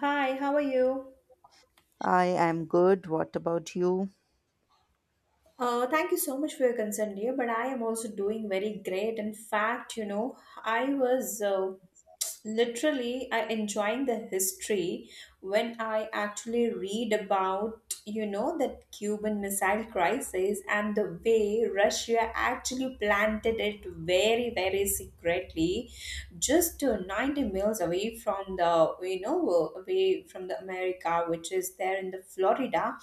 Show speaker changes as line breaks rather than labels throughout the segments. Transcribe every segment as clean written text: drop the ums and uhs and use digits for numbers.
Hi, how are you?
I am good. What about you?
Thank you so much for your concern, dear. But I am also doing very great. In fact, you know, I was literally I enjoying the history when I actually read about you know that cuban missile crisis and the way russia actually planted it very very secretly just 90 miles away from the away from the america which is there in the florida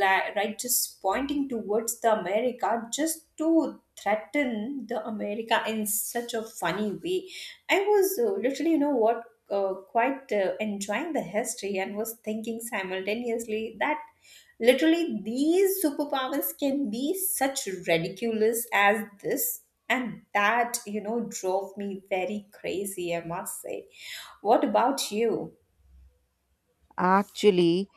like right just pointing towards the america just to threaten the america in such a funny way. I was literally, you know what, quite enjoying the history and was thinking simultaneously that literally these superpowers can be such ridiculous as this. And that, you know, drove me very crazy, I must say. What about you?
Actually,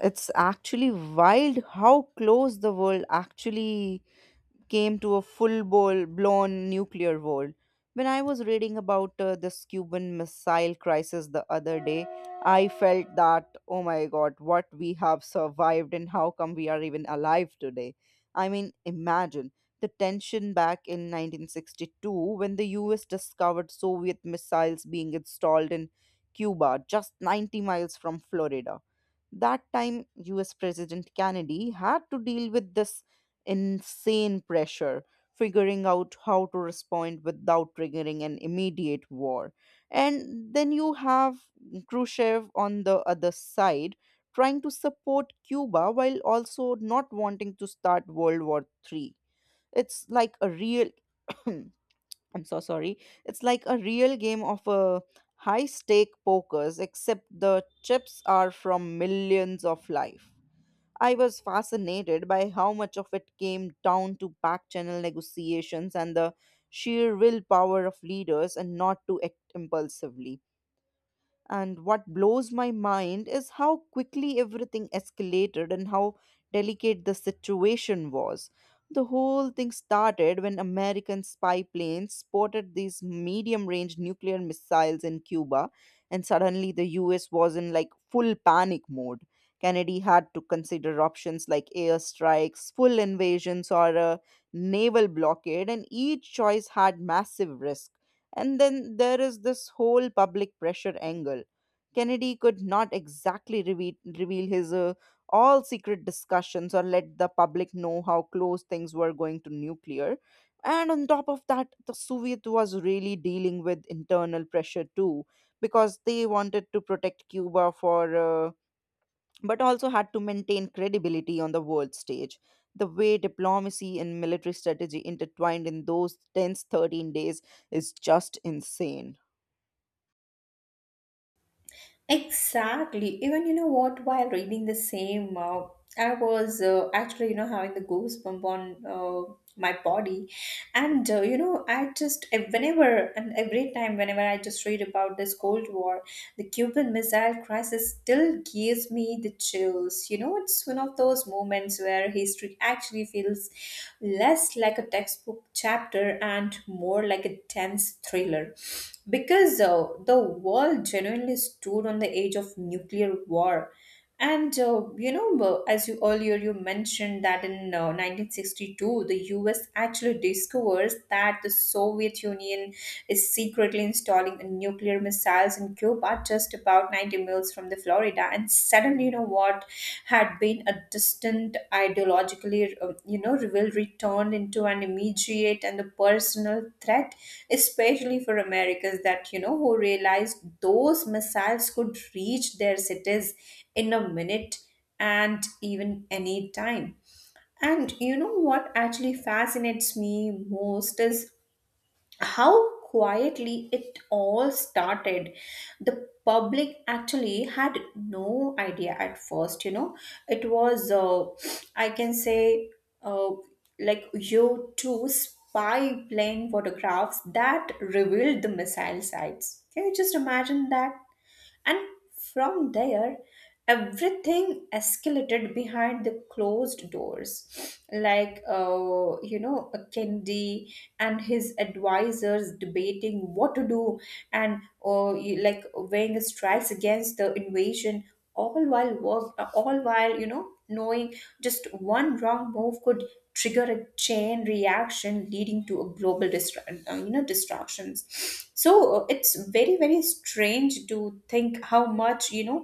it's actually wild how close the world actually came to a blown nuclear war. When I was reading about this Cuban Missile Crisis the other day, I felt that, oh my god, what we have survived and how come we are even alive today. I mean, imagine the tension back in 1962 when the US discovered Soviet missiles being installed in Cuba, just 90 miles from Florida. That time, US president Kennedy had to deal with this insane pressure, figuring out how to respond without triggering an immediate war. And then you have Khrushchev on the other side trying to support Cuba while also not wanting to start World War III. It's like a real I'm so sorry. It's like a real game of a high stake pokers except the chips are from millions of life. I was fascinated by how much of it came down to back channel negotiations and the sheer willpower of leaders and not to act impulsively. And what blows my mind is how quickly everything escalated and how delicate the situation was. The whole thing started when American spy planes spotted these medium range nuclear missiles in Cuba, and suddenly the US was in like full panic mode. Kennedy had to consider options like airstrikes, full invasions, or a naval blockade, and each choice had massive risk. And then there is this whole public pressure angle. Kennedy could not exactly reveal his all secret discussions or let the public know how close things were going to nuclear. And on top of that, the Soviet was really dealing with internal pressure too, because they wanted to protect Cuba for uh, but also had to maintain credibility on the world stage. The way diplomacy and military strategy intertwined in those tense 13 days is just insane.
Exactly. Even you know what? While reading the same, I was actually you know having the goosebump on my body, and you know I just whenever and every time whenever I just read about this Cold War, the Cuban Missile Crisis still gives me the chills. You know, it's one of those moments where history actually feels less like a textbook chapter and more like a tense thriller. Because the world genuinely stood on the edge of nuclear war and you know, as you earlier you mentioned that in 1962, the U.S. actually discovers that the Soviet Union is secretly installing a nuclear missiles in Cuba, just about 90 miles from the Florida. And suddenly, you know what had been a distant ideologically, you know, rivalry turned into an immediate and a personal threat, especially for Americans that you know who realized those missiles could reach their cities in a minute and even any time. And you know what actually fascinates me most is how quietly it all started. The public actually had no idea at first, you know. It was, I can say, uh, like U 2 spy plane photographs that revealed the missile sites. Can you just imagine that? And from there, everything escalated behind the closed doors. Like, you know, Kendi and his advisors debating what to do and like weighing strikes against the invasion all while you know knowing just one wrong move could trigger a chain reaction leading to a global you know distractions. So it's very very strange to think how much you know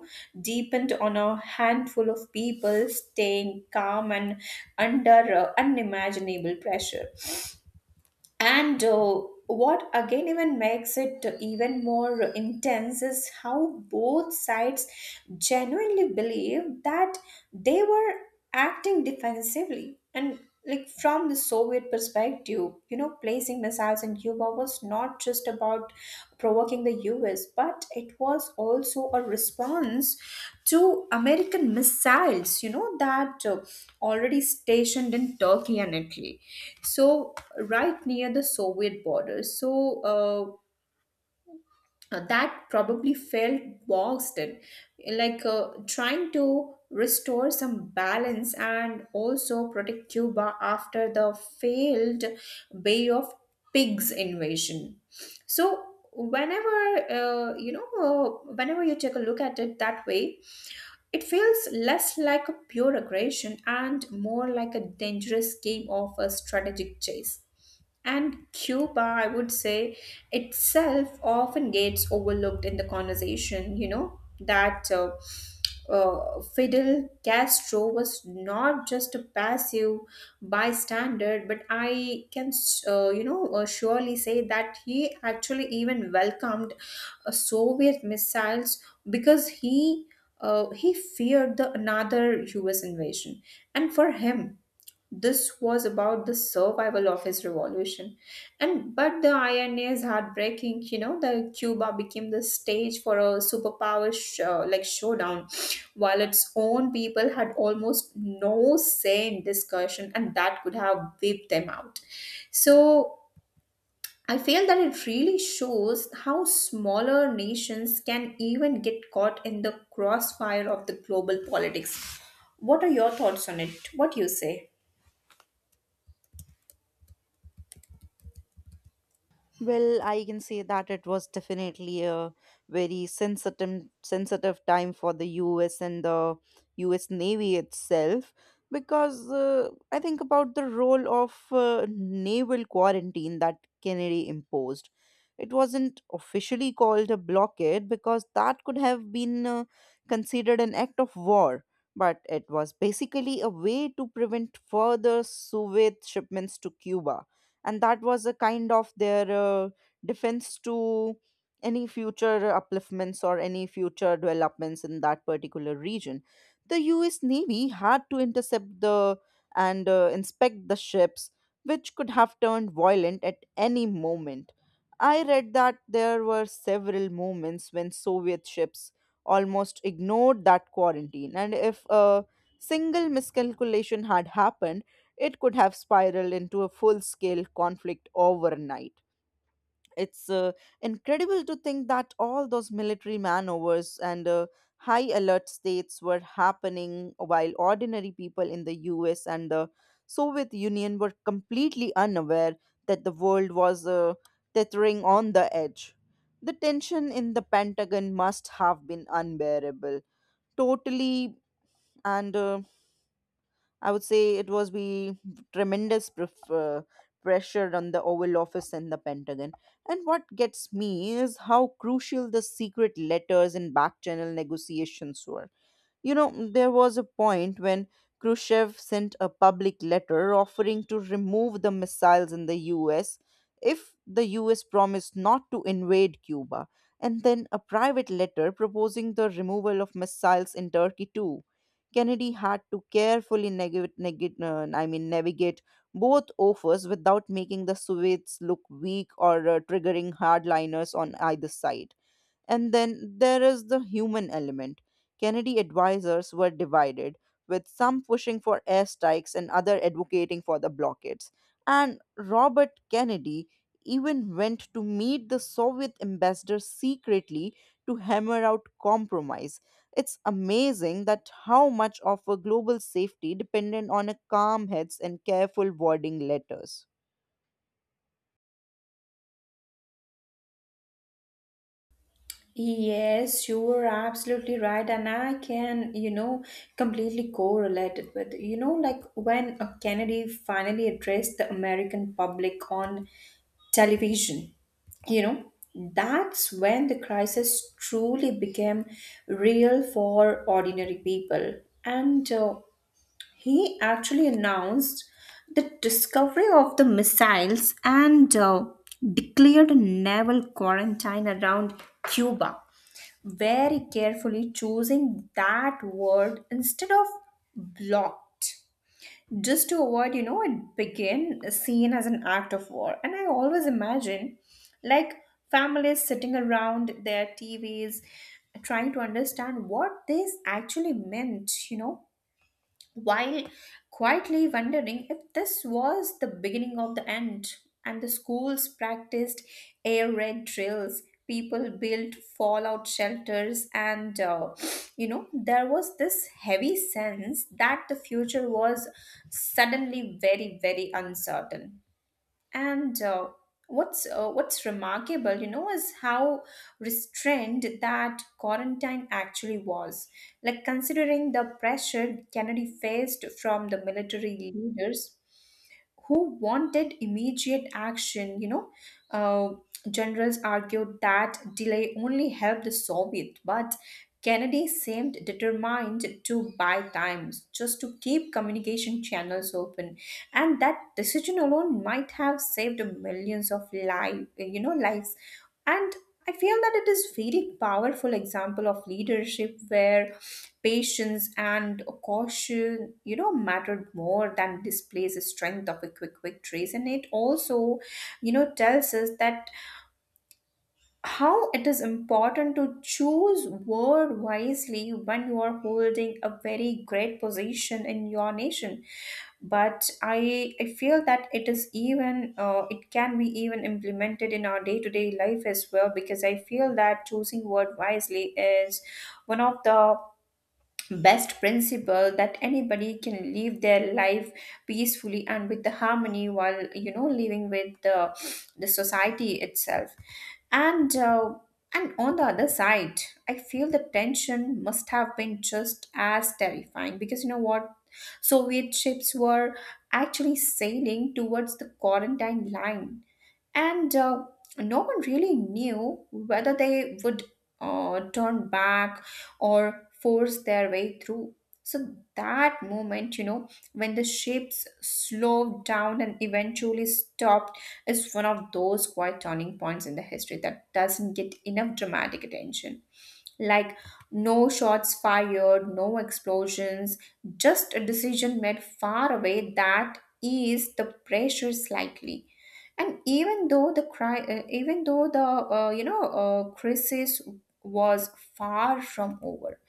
deepened on a handful of people staying calm and under unimaginable pressure. And what again even makes it even more intense is how both sides genuinely believe that they were acting defensively. And like from the Soviet perspective, you know, placing missiles in Cuba was not just about provoking the US, but it was also a response to American missiles, you know, that already stationed in Turkey and Italy, so right near the soviet border. So that probably felt boxed in, like trying to restore some balance and also protect cuba after the failed bay of pigs invasion. So whenever you know whenever you take a look at it that way, it feels less like a pure aggression and more like a dangerous game of a strategic chase. And Cuba, I would say, itself often gets overlooked in the conversation. You know, that Fidel Castro was not just a passive bystander, but I can, you know, surely say that he actually even welcomed Soviet missiles because he. He feared the another U.S. invasion, and for him, this was about the survival of his revolution. And but the irony is heartbreaking, you know, that cuba became the stage for a superpower like showdown while its own people had almost no say in discussion and that could have wiped them out. So I feel that it really shows how smaller nations can even get caught in the crossfire of the global politics. What are your thoughts on it? What do you say?
Well, I can say that it was definitely a very sensitive time for the US and the US Navy itself because I think about the role of naval quarantine that Kennedy imposed. It wasn't officially called a blockade because that could have been considered an act of war, but it was basically a way to prevent further Soviet shipments to Cuba, and that was a kind of their defense to any future upliftments or any future developments in that particular region. The US Navy had to intercept the and inspect the ships, which could have turned violent at any moment. I read that there were several moments when Soviet ships almost ignored that quarantine, and if a single miscalculation had happened, it could have spiraled into a full scale conflict overnight. It's incredible to think that all those military maneuvers and high alert states were happening while ordinary people in the US and the Soviet Union were completely unaware that the world was tethering on the edge. The tension in the Pentagon must have been unbearable, totally, and I would say it was tremendous pref- uh, pressure on the Oval Office and the Pentagon. And what gets me is how crucial the secret letters and back channel negotiations were. You know, there was a point when Khrushchev sent a public letter offering to remove the missiles in the US if the US promised not to invade Cuba, and then a private letter proposing the removal of missiles in Turkey too. Kennedy had to carefully navigate both offers without making the Soviets look weak or triggering hardliners on either side. And then there is the human element. Kennedy advisors were divided, with some pushing for airstrikes and other advocating for the blockades. And Robert Kennedy even went to meet the Soviet ambassador secretly to hammer out compromise. It's amazing that how much of a global safety depended on a calm heads and careful wording letters.
Yes, you are absolutely right, and I can, you know, completely correlate it with, you know, like when Kennedy finally addressed the American public on television, you know, that's when the crisis truly became real for ordinary people. And he actually announced the discovery of the missiles and declared a naval quarantine around Cuba, very carefully choosing that word instead of blocked, just to avoid you know it begin seen as an act of war. And I always imagine like families sitting around their tvs trying to understand what this actually meant, you know, while quietly wondering if this was the beginning of the end. And the schools practiced air raid drills. People built fallout shelters, and you know, there was this heavy sense that the future was suddenly very, very uncertain. And what's remarkable, you know, is how restrained that quarantine actually was. Like considering the pressure Kennedy faced from the military leaders who wanted immediate action. You know, uh, generals argued that delay only helped the Soviet, but Kennedy seemed determined to buy time just to keep communication channels open, and that decision alone might have saved millions of life, you know, lives. And I feel that it is very powerful example of leadership where patience and caution, you know, mattered more than displays the strength of a quick victories. And it also, you know, tells us that how it is important to choose word wisely when you are holding a very great position in your nation. But i feel that it is even it can be even implemented in our day to day life as well, because I feel that choosing word wisely is one of the best principle that anybody can live their life peacefully and with the harmony while you know living with the society itself. And and on the other side, I feel the tension must have been just as terrifying because you know what, soviet ships were actually sailing towards the quarantine line. And no one really knew whether they would turn back or force their way through. So, that moment, you know, when the ships slowed down and eventually stopped, is one of those quiet turning points in the history that doesn't get enough dramatic attention. Like, no shots fired, no explosions, just a decision made far away that eased the pressure slightly. And even though the you know crisis was far from over,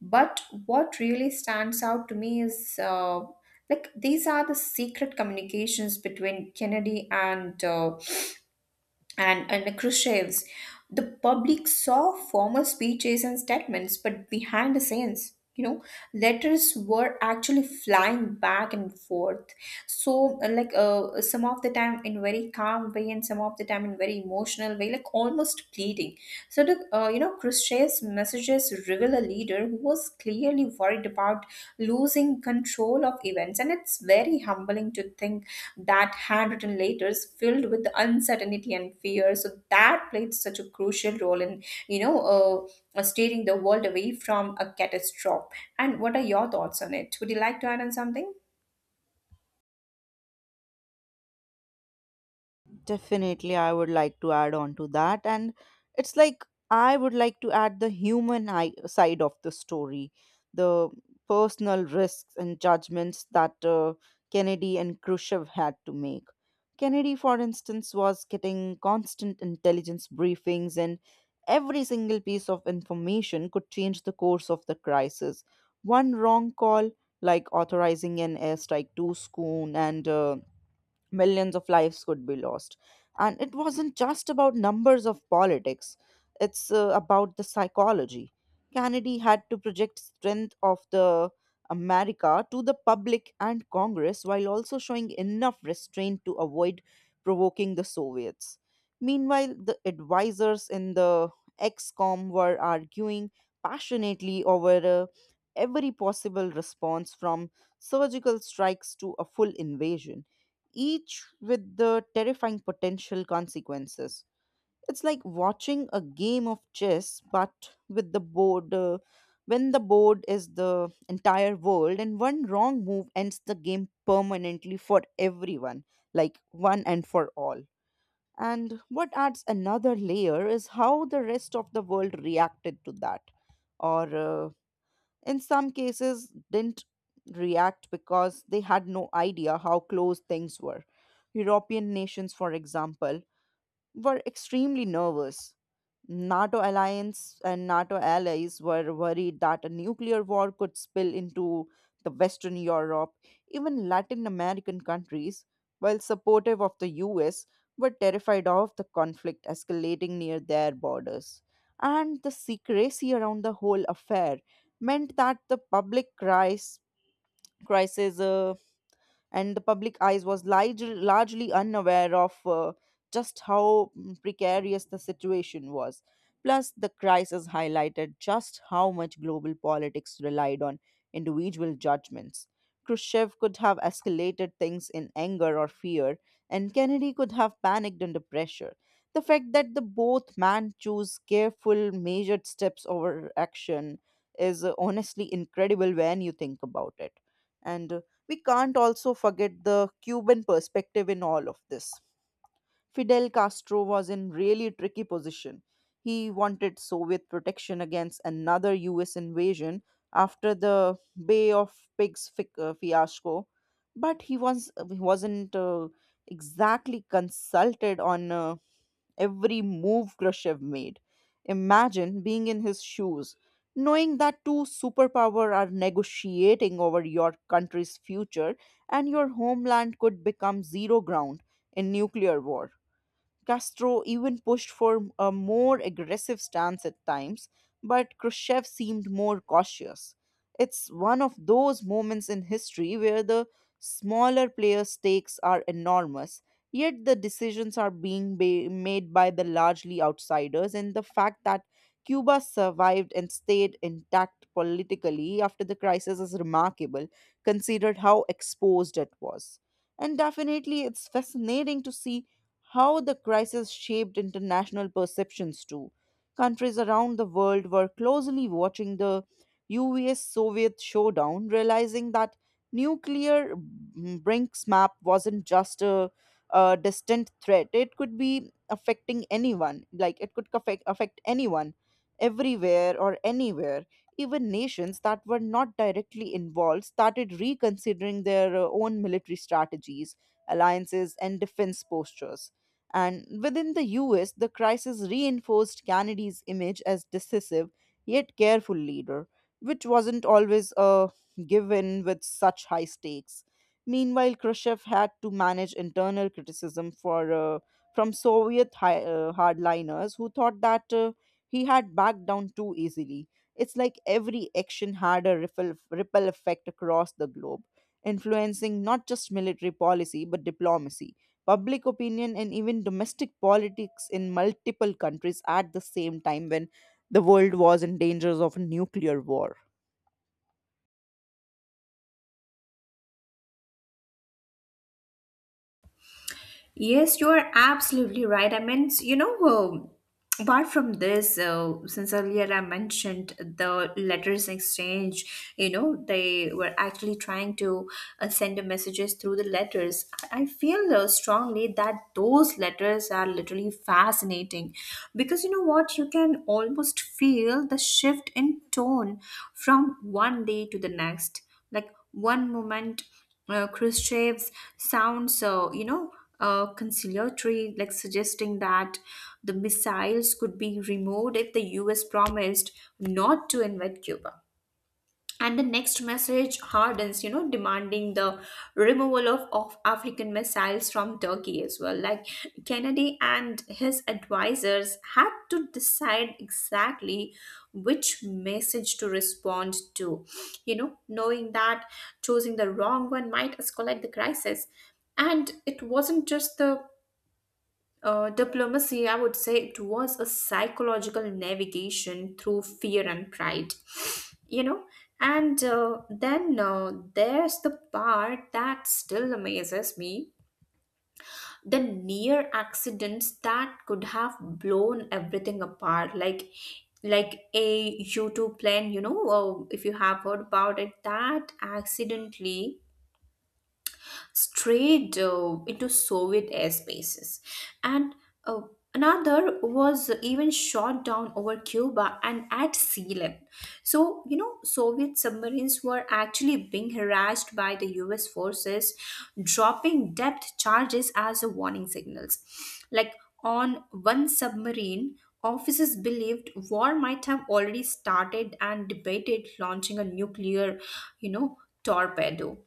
but what really stands out to me is like these are the secret communications between kennedy and under Khrushchev's, the public saw formal speeches and statements, but behind the scenes, you know, letters were actually flying back and forth. So, like, some of the time in very calm way, and some of the time in very emotional way, like almost pleading. So, the you know, Khrushchev's messages reveal a leader who was clearly worried about losing control of events, and it's very humbling to think that handwritten letters filled with uncertainty and fear. So that played such a crucial role in, you know, steering the world away from a catastrophe. And what are your thoughts on it? Would you like to add on something?
Definitely, I would like to add on to that. And it's like I would like to add the side of the story, the personal risks and judgments that Kennedy and Khrushchev had to make. Kennedy, for instance, was getting constant intelligence briefings, and every single piece of information could change the course of the crisis. One wrong call, like authorizing an airstrike too soon, and millions of lives could be lost. And it wasn't just about numbers of politics, it's about the psychology. Kennedy had to project strength of the America to the public and Congress while also showing enough restraint to avoid provoking the Soviets. Meanwhile, the advisors in the XCOM were arguing passionately over uh, every possible response from surgical strikes to a full invasion, each with the terrifying potential consequences. It's like watching a game of chess, but with the board, uh, when the board is the entire world, and one wrong move ends the game permanently for everyone, like one and for all. And what adds another layer is how the rest of the world reacted to that. Or in some cases, didn't react because they had no idea how close things were. European nations, for example, were extremely nervous. NATO alliance and NATO allies were worried that a nuclear war could spill into the Western Europe. Even Latin American countries, while supportive of the US, were terrified of the conflict escalating near their borders. And the secrecy around the whole affair meant that the public cris- crisis, and the public eyes was largely unaware of just how precarious the situation was. Plus, the crisis highlighted just how much global politics relied on individual judgments. Khrushchev could have escalated things in anger or fear, and Kennedy could have panicked under pressure. The fact that the both men chose careful, measured steps over action is honestly incredible when you think about it. And we can't also forget the Cuban perspective in all of this. Fidel Castro was in really tricky position. He wanted Soviet protection against another US invasion after the Bay of fiasco, but he wasn't exactly consulted on every move Khrushchev made. Imagine being in his shoes, knowing that two superpower are negotiating over your country's future and your homeland could become zero ground in nuclear war. Castro even pushed for a more aggressive stance at times, but Khrushchev seemed more cautious. It's one of those moments in history where the smaller players' stakes are enormous, yet the decisions are being made by the largely outsiders, and the fact that Cuba survived and stayed intact politically after the crisis is remarkable, considered how exposed it was. And definitely, it's fascinating to see how the crisis shaped international perceptions too. Countries around the world were closely watching the US Soviet showdown, realizing that nuclear Brinksmap wasn't just a distant threat, it could be affecting anyone. Like, it could affect anyone, everywhere or anywhere. Even nations that were not directly involved started reconsidering their own military strategies, alliances, and defense postures. And within the US, the crisis reinforced Kennedy's image as decisive yet careful leader, which wasn't always a given with such high stakes. Meanwhile, Khrushchev had to manage internal criticism for, from Soviet hardliners who thought that he had backed down too easily. It's like every action had a ripple effect across the globe, influencing not just military policy but diplomacy, public opinion, and even domestic politics in multiple countries at the same time when the world was in danger of a nuclear war.
Yes, you are absolutely right. I mean, you know, apart from this, since earlier I mentioned the letters exchange, you know, they were actually trying to send the messages through the letters. I feel strongly that those letters are literally fascinating, because you know what? You can almost feel the shift in tone from one day to the next. Like, one moment, Khrushchev's sounds, you know, conciliatory, like suggesting that the missiles could be removed if the US promised not to invade Cuba, and the next message hardens, you know, demanding the removal of african missiles from turkey as well. Like kennedy and his advisors had to decide exactly which message to respond to, you know, knowing that choosing the wrong one might escalate the crisis. And it wasn't just the diplomacy, I would say it was a psychological navigation through fear and pride, you know. And then there's the part that still amazes me, the near accidents that could have blown everything apart. Like a U2 plane, you know, if you have heard about it, that accidentally strayed into Soviet airspaces. And uh, another was even shot down over Cuba and at sea level. So, you know, Soviet submarines were actually being harassed by the US forces, dropping depth charges as a warning signals. Like on one submarine, officers believed war might have already started and debated launching a nuclear, you know, torpedo.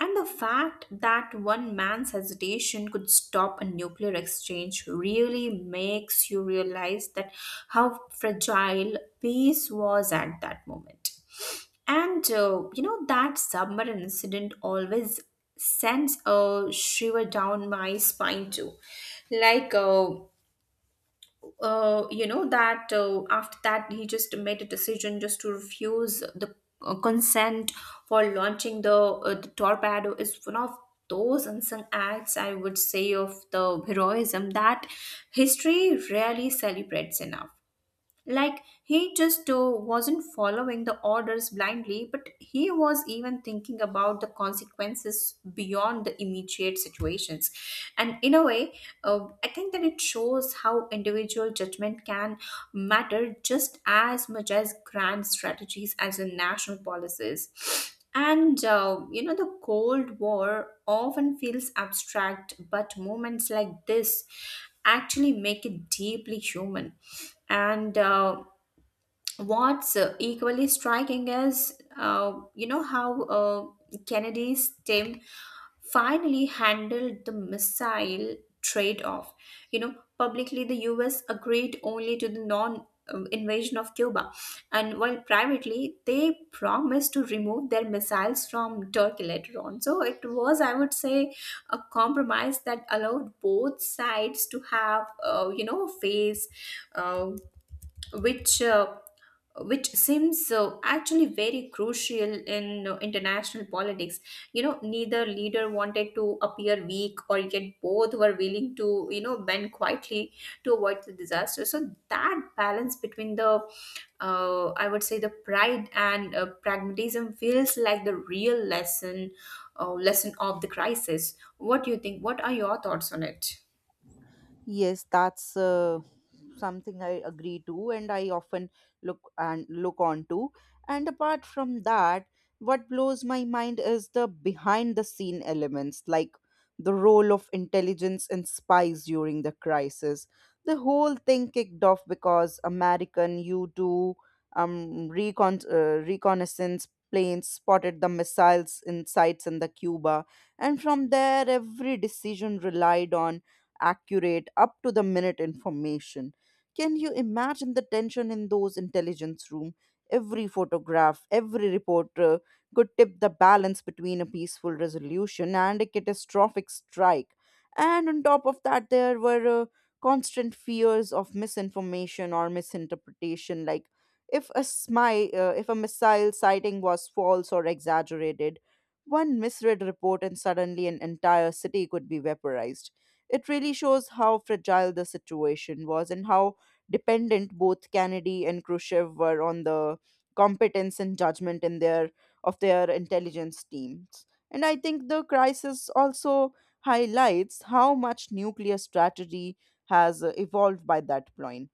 And the fact that one man's hesitation could stop a nuclear exchange really makes you realize that how fragile peace was at that moment. And that submarine incident always sends a shiver down my spine too. Like uh, that after that he just made a decision just to refuse the consent for launching the, the torpedo is one of those unsung acts, I would say, of the heroism that history rarely celebrates enough. Like he just wasn't following the orders blindly, but he was even thinking about the consequences beyond the immediate situations. And in a way, I think that it shows how individual judgment can matter just as much as grand strategies as the national policies. And, the Cold War often feels abstract, but moments like this actually make it deeply human. And What's equally striking is, you know, how Kennedy's team finally handled the missile trade off. You know, publicly the US agreed only to the non- invasion of Cuba, and while privately they promised to remove their missiles from Turkey later on. So it was, I would say, a compromise that allowed both sides to have, a phase uh, which. Uh, which seems actually very crucial in international politics. You know, neither leader wanted to appear weak, or yet both were willing to, you know, bend quietly to avoid the disaster. So that balance between the, I would say, the pride and pragmatism feels like the real lesson of the crisis. What do you think? What are your thoughts on it?
Yes, that's something I agree to, and I often look on to. And apart from that, what blows my mind is the behind the scene elements, like the role of intelligence and spies during the crisis. The whole thing kicked off because American U two reconnaissance planes spotted the missiles in sites in the Cuba, and from there, every decision relied on accurate, up to the minute information. Can you imagine the tension in those intelligence room? Every photograph, every reporter could tip the balance between a peaceful resolution and a catastrophic strike. And on top of that, there were constant fears of misinformation or misinterpretation, like if a missile sighting was false or exaggerated, one misread report and suddenly an entire city could be vaporized. It really shows how fragile the situation was and how dependent both Kennedy and Khrushchev were on the competence and judgment in their of their intelligence teams. And I think the crisis also highlights how much nuclear strategy has evolved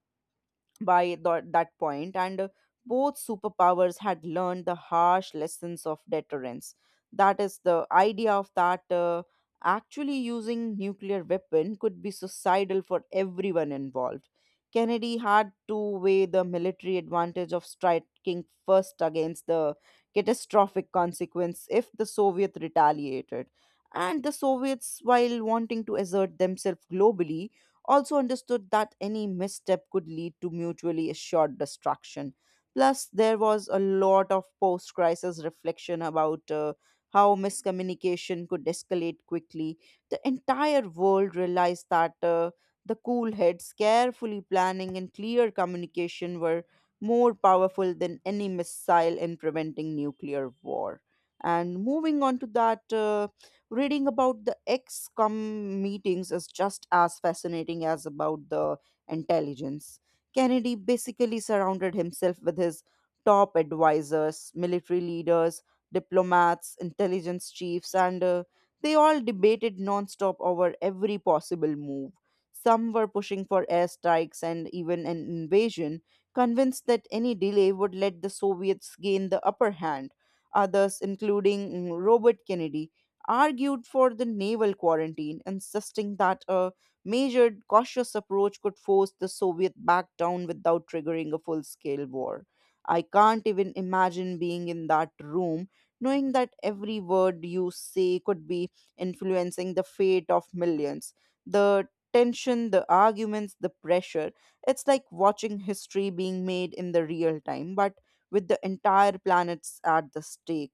by tho- that point, and both superpowers had learned the harsh lessons of deterrence. That is the idea of that actually using nuclear weapon could be suicidal for everyone involved. Kennedy had to weigh the military advantage of striking first against the catastrophic consequence if the Soviet retaliated. And the Soviets, while wanting to assert themselves globally, also understood that any misstep could lead to mutually assured destruction. Plus, there was a lot of post crisis reflection about how miscommunication could escalate quickly. The entire world realized that the cool heads, carefully planning, and clear communication were more powerful than any missile in preventing nuclear war. And moving on to that, reading about the ex-com meetings is just as fascinating as about the intelligence. Kennedy basically surrounded himself with his top advisors, military leaders, diplomats, intelligence chiefs, and they all debated nonstop over every possible move. Some were pushing for airstrikes and even an invasion, convinced that any delay would let the Soviets gain the upper hand. Others, including Robert Kennedy, argued for the naval quarantine, insisting that a measured, cautious approach could force the Soviet back down without triggering a full scale war. I can't even imagine being in that room, knowing that every word you say could be influencing the fate of millions. The tension, the arguments, the pressure. It's like watching history being made in the real time, but with the entire planets at the stake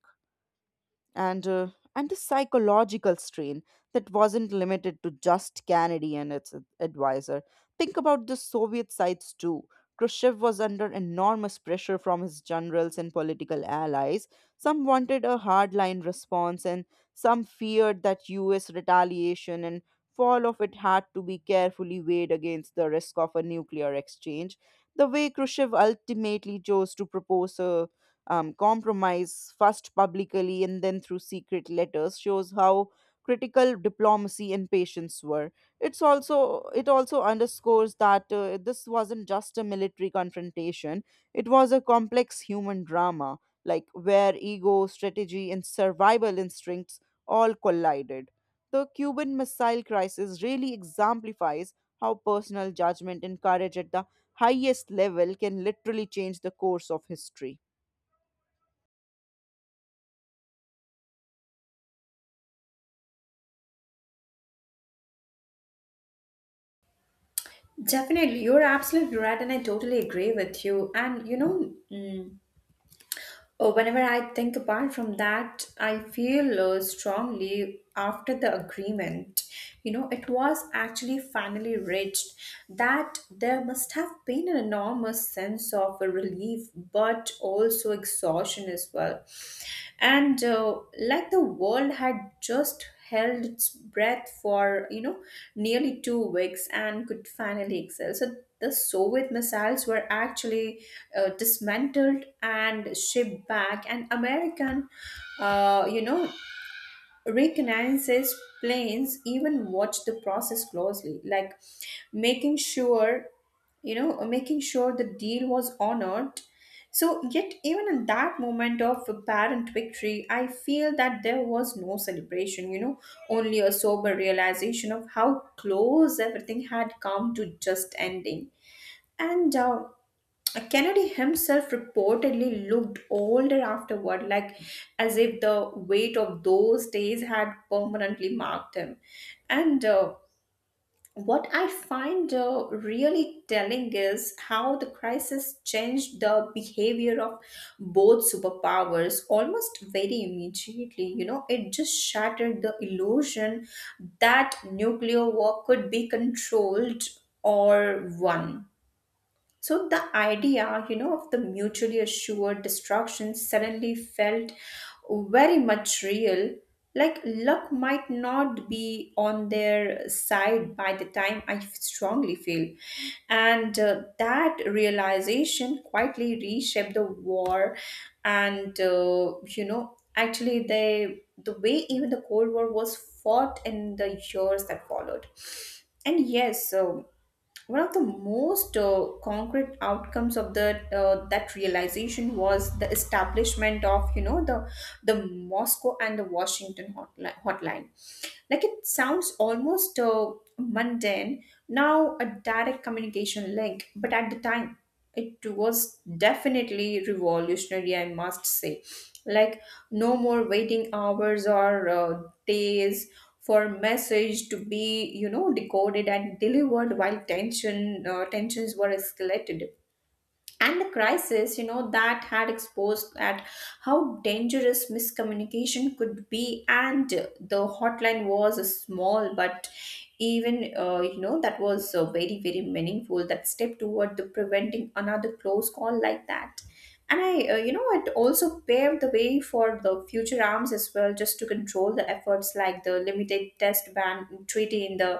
and uh, and the psychological strain that wasn't limited to just Kennedy and its advisor. Think about the Soviet sides too. Khrushchev was under enormous pressure from his generals and political allies. Some wanted a hardline response, and some feared that U.S. retaliation and fall of it had to be carefully weighed against the risk of a nuclear exchange. The way Khrushchev ultimately chose to propose a compromise, first publicly and then through secret letters, shows how critical diplomacy and patience were. It also underscores that this wasn't just a military confrontation; it was a complex human drama, like where ego, strategy, and survival instincts all collided. The Cuban Missile Crisis really exemplifies how personal judgment and courage at the highest level can literally change the course of history.
Definitely, you're absolutely right, and I totally agree with you. And you know, mm, Oh, whenever I think apart from that, I feel strongly after the agreement. You know, it was actually finally reached that there must have been an enormous sense of relief, but also exhaustion as well. And like the world had just held its breath for, you know, nearly 2 weeks and could finally exhale. So the Soviet missiles were actually dismantled and shipped back, and American, uh, you know, reconnaissance planes even watched the process closely, like making sure, you know, making sure the deal was honored. So, yet, even in that moment of apparent victory, I feel that there was no celebration, you know, only a sober realization of how close everything had come to just ending. And Kennedy himself reportedly looked older afterward, like as if the weight of those days had permanently marked him. And what I find really telling is how the crisis changed the behavior of both superpowers almost very immediately. You know, it just shattered the illusion that nuclear war could be controlled or won. So the idea, you know, of the mutually assured destruction suddenly felt very much real. Like luck might not be on their side by the time, I strongly feel. And that realization quietly reshaped the war. And, actually, they, the way even the Cold War was fought in the years that followed. And yes, so one of the most concrete outcomes of the that realization was the establishment of, you know, the Moscow and the Washington hotline. Like it sounds almost mundane now, a direct communication link, but at the time it was definitely revolutionary, I must say. Like no more waiting hours or days for message to be, you know, decoded and delivered while tensions were escalated. And the crisis, you know, that had exposed that how dangerous miscommunication could be. And the hotline was a small but even, that was very very meaningful that step toward the preventing another close call like that. And I it also paved the way for the future arms as well just to control the efforts, like the limited test ban treaty in the,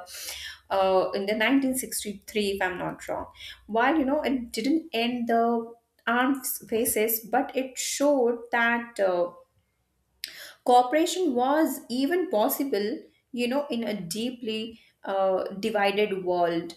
in the 1963, if I'm not wrong. While, you know, it didn't end the armed faces, but it showed that cooperation was even possible, you know, in a deeply divided world.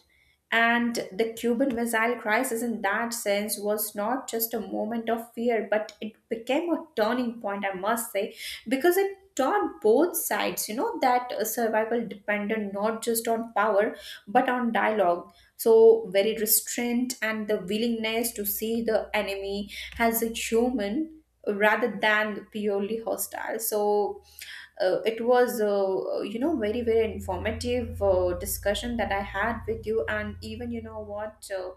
And the Cuban Missile Crisis, in that sense, was not just a moment of fear, but it became a turning point, I must say, because it taught both sides, you know, that survival depended not just on power, but on dialogue. So, very restraint and the willingness to see the enemy as a human rather than purely hostile. So, it was very very informative discussion that I had with you. And even you know what,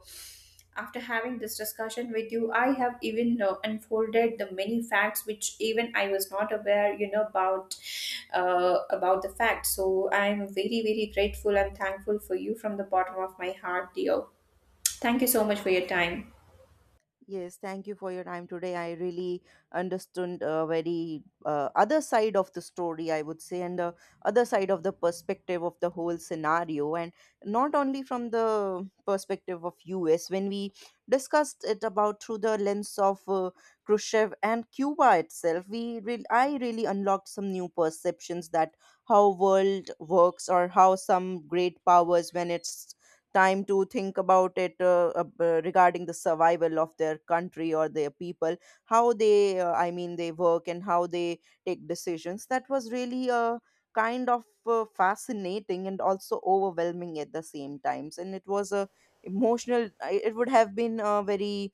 after having this discussion with you, I have even unfolded the many facts which even I was not aware, you know, about, about the facts. So I'm very very grateful and thankful for you from the bottom of my heart, dear. Thank you so much for your time.
Yes, thank you for your time today. I really understood a very other side of the story, I would say, and the other side of the perspective of the whole scenario, and not only from the perspective of US. When we discussed it about through the lens of Khrushchev and Cuba itself, I really unlocked some new perceptions that how world works or how some great powers when it's time to think about it regarding the survival of their country or their people how they I mean they work and how they take decisions that was really a kind of fascinating and also overwhelming at the same times and it was a emotional it would have been a very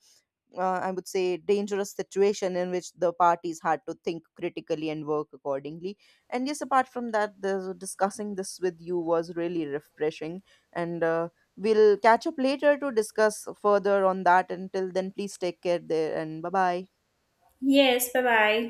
I would say, dangerous situation in which the parties had to think critically and work accordingly. And yes, apart from that, the, discussing this with you was really refreshing. And we'll catch up later to discuss further on that. Until then, please take care there and bye bye.
Yes, bye bye.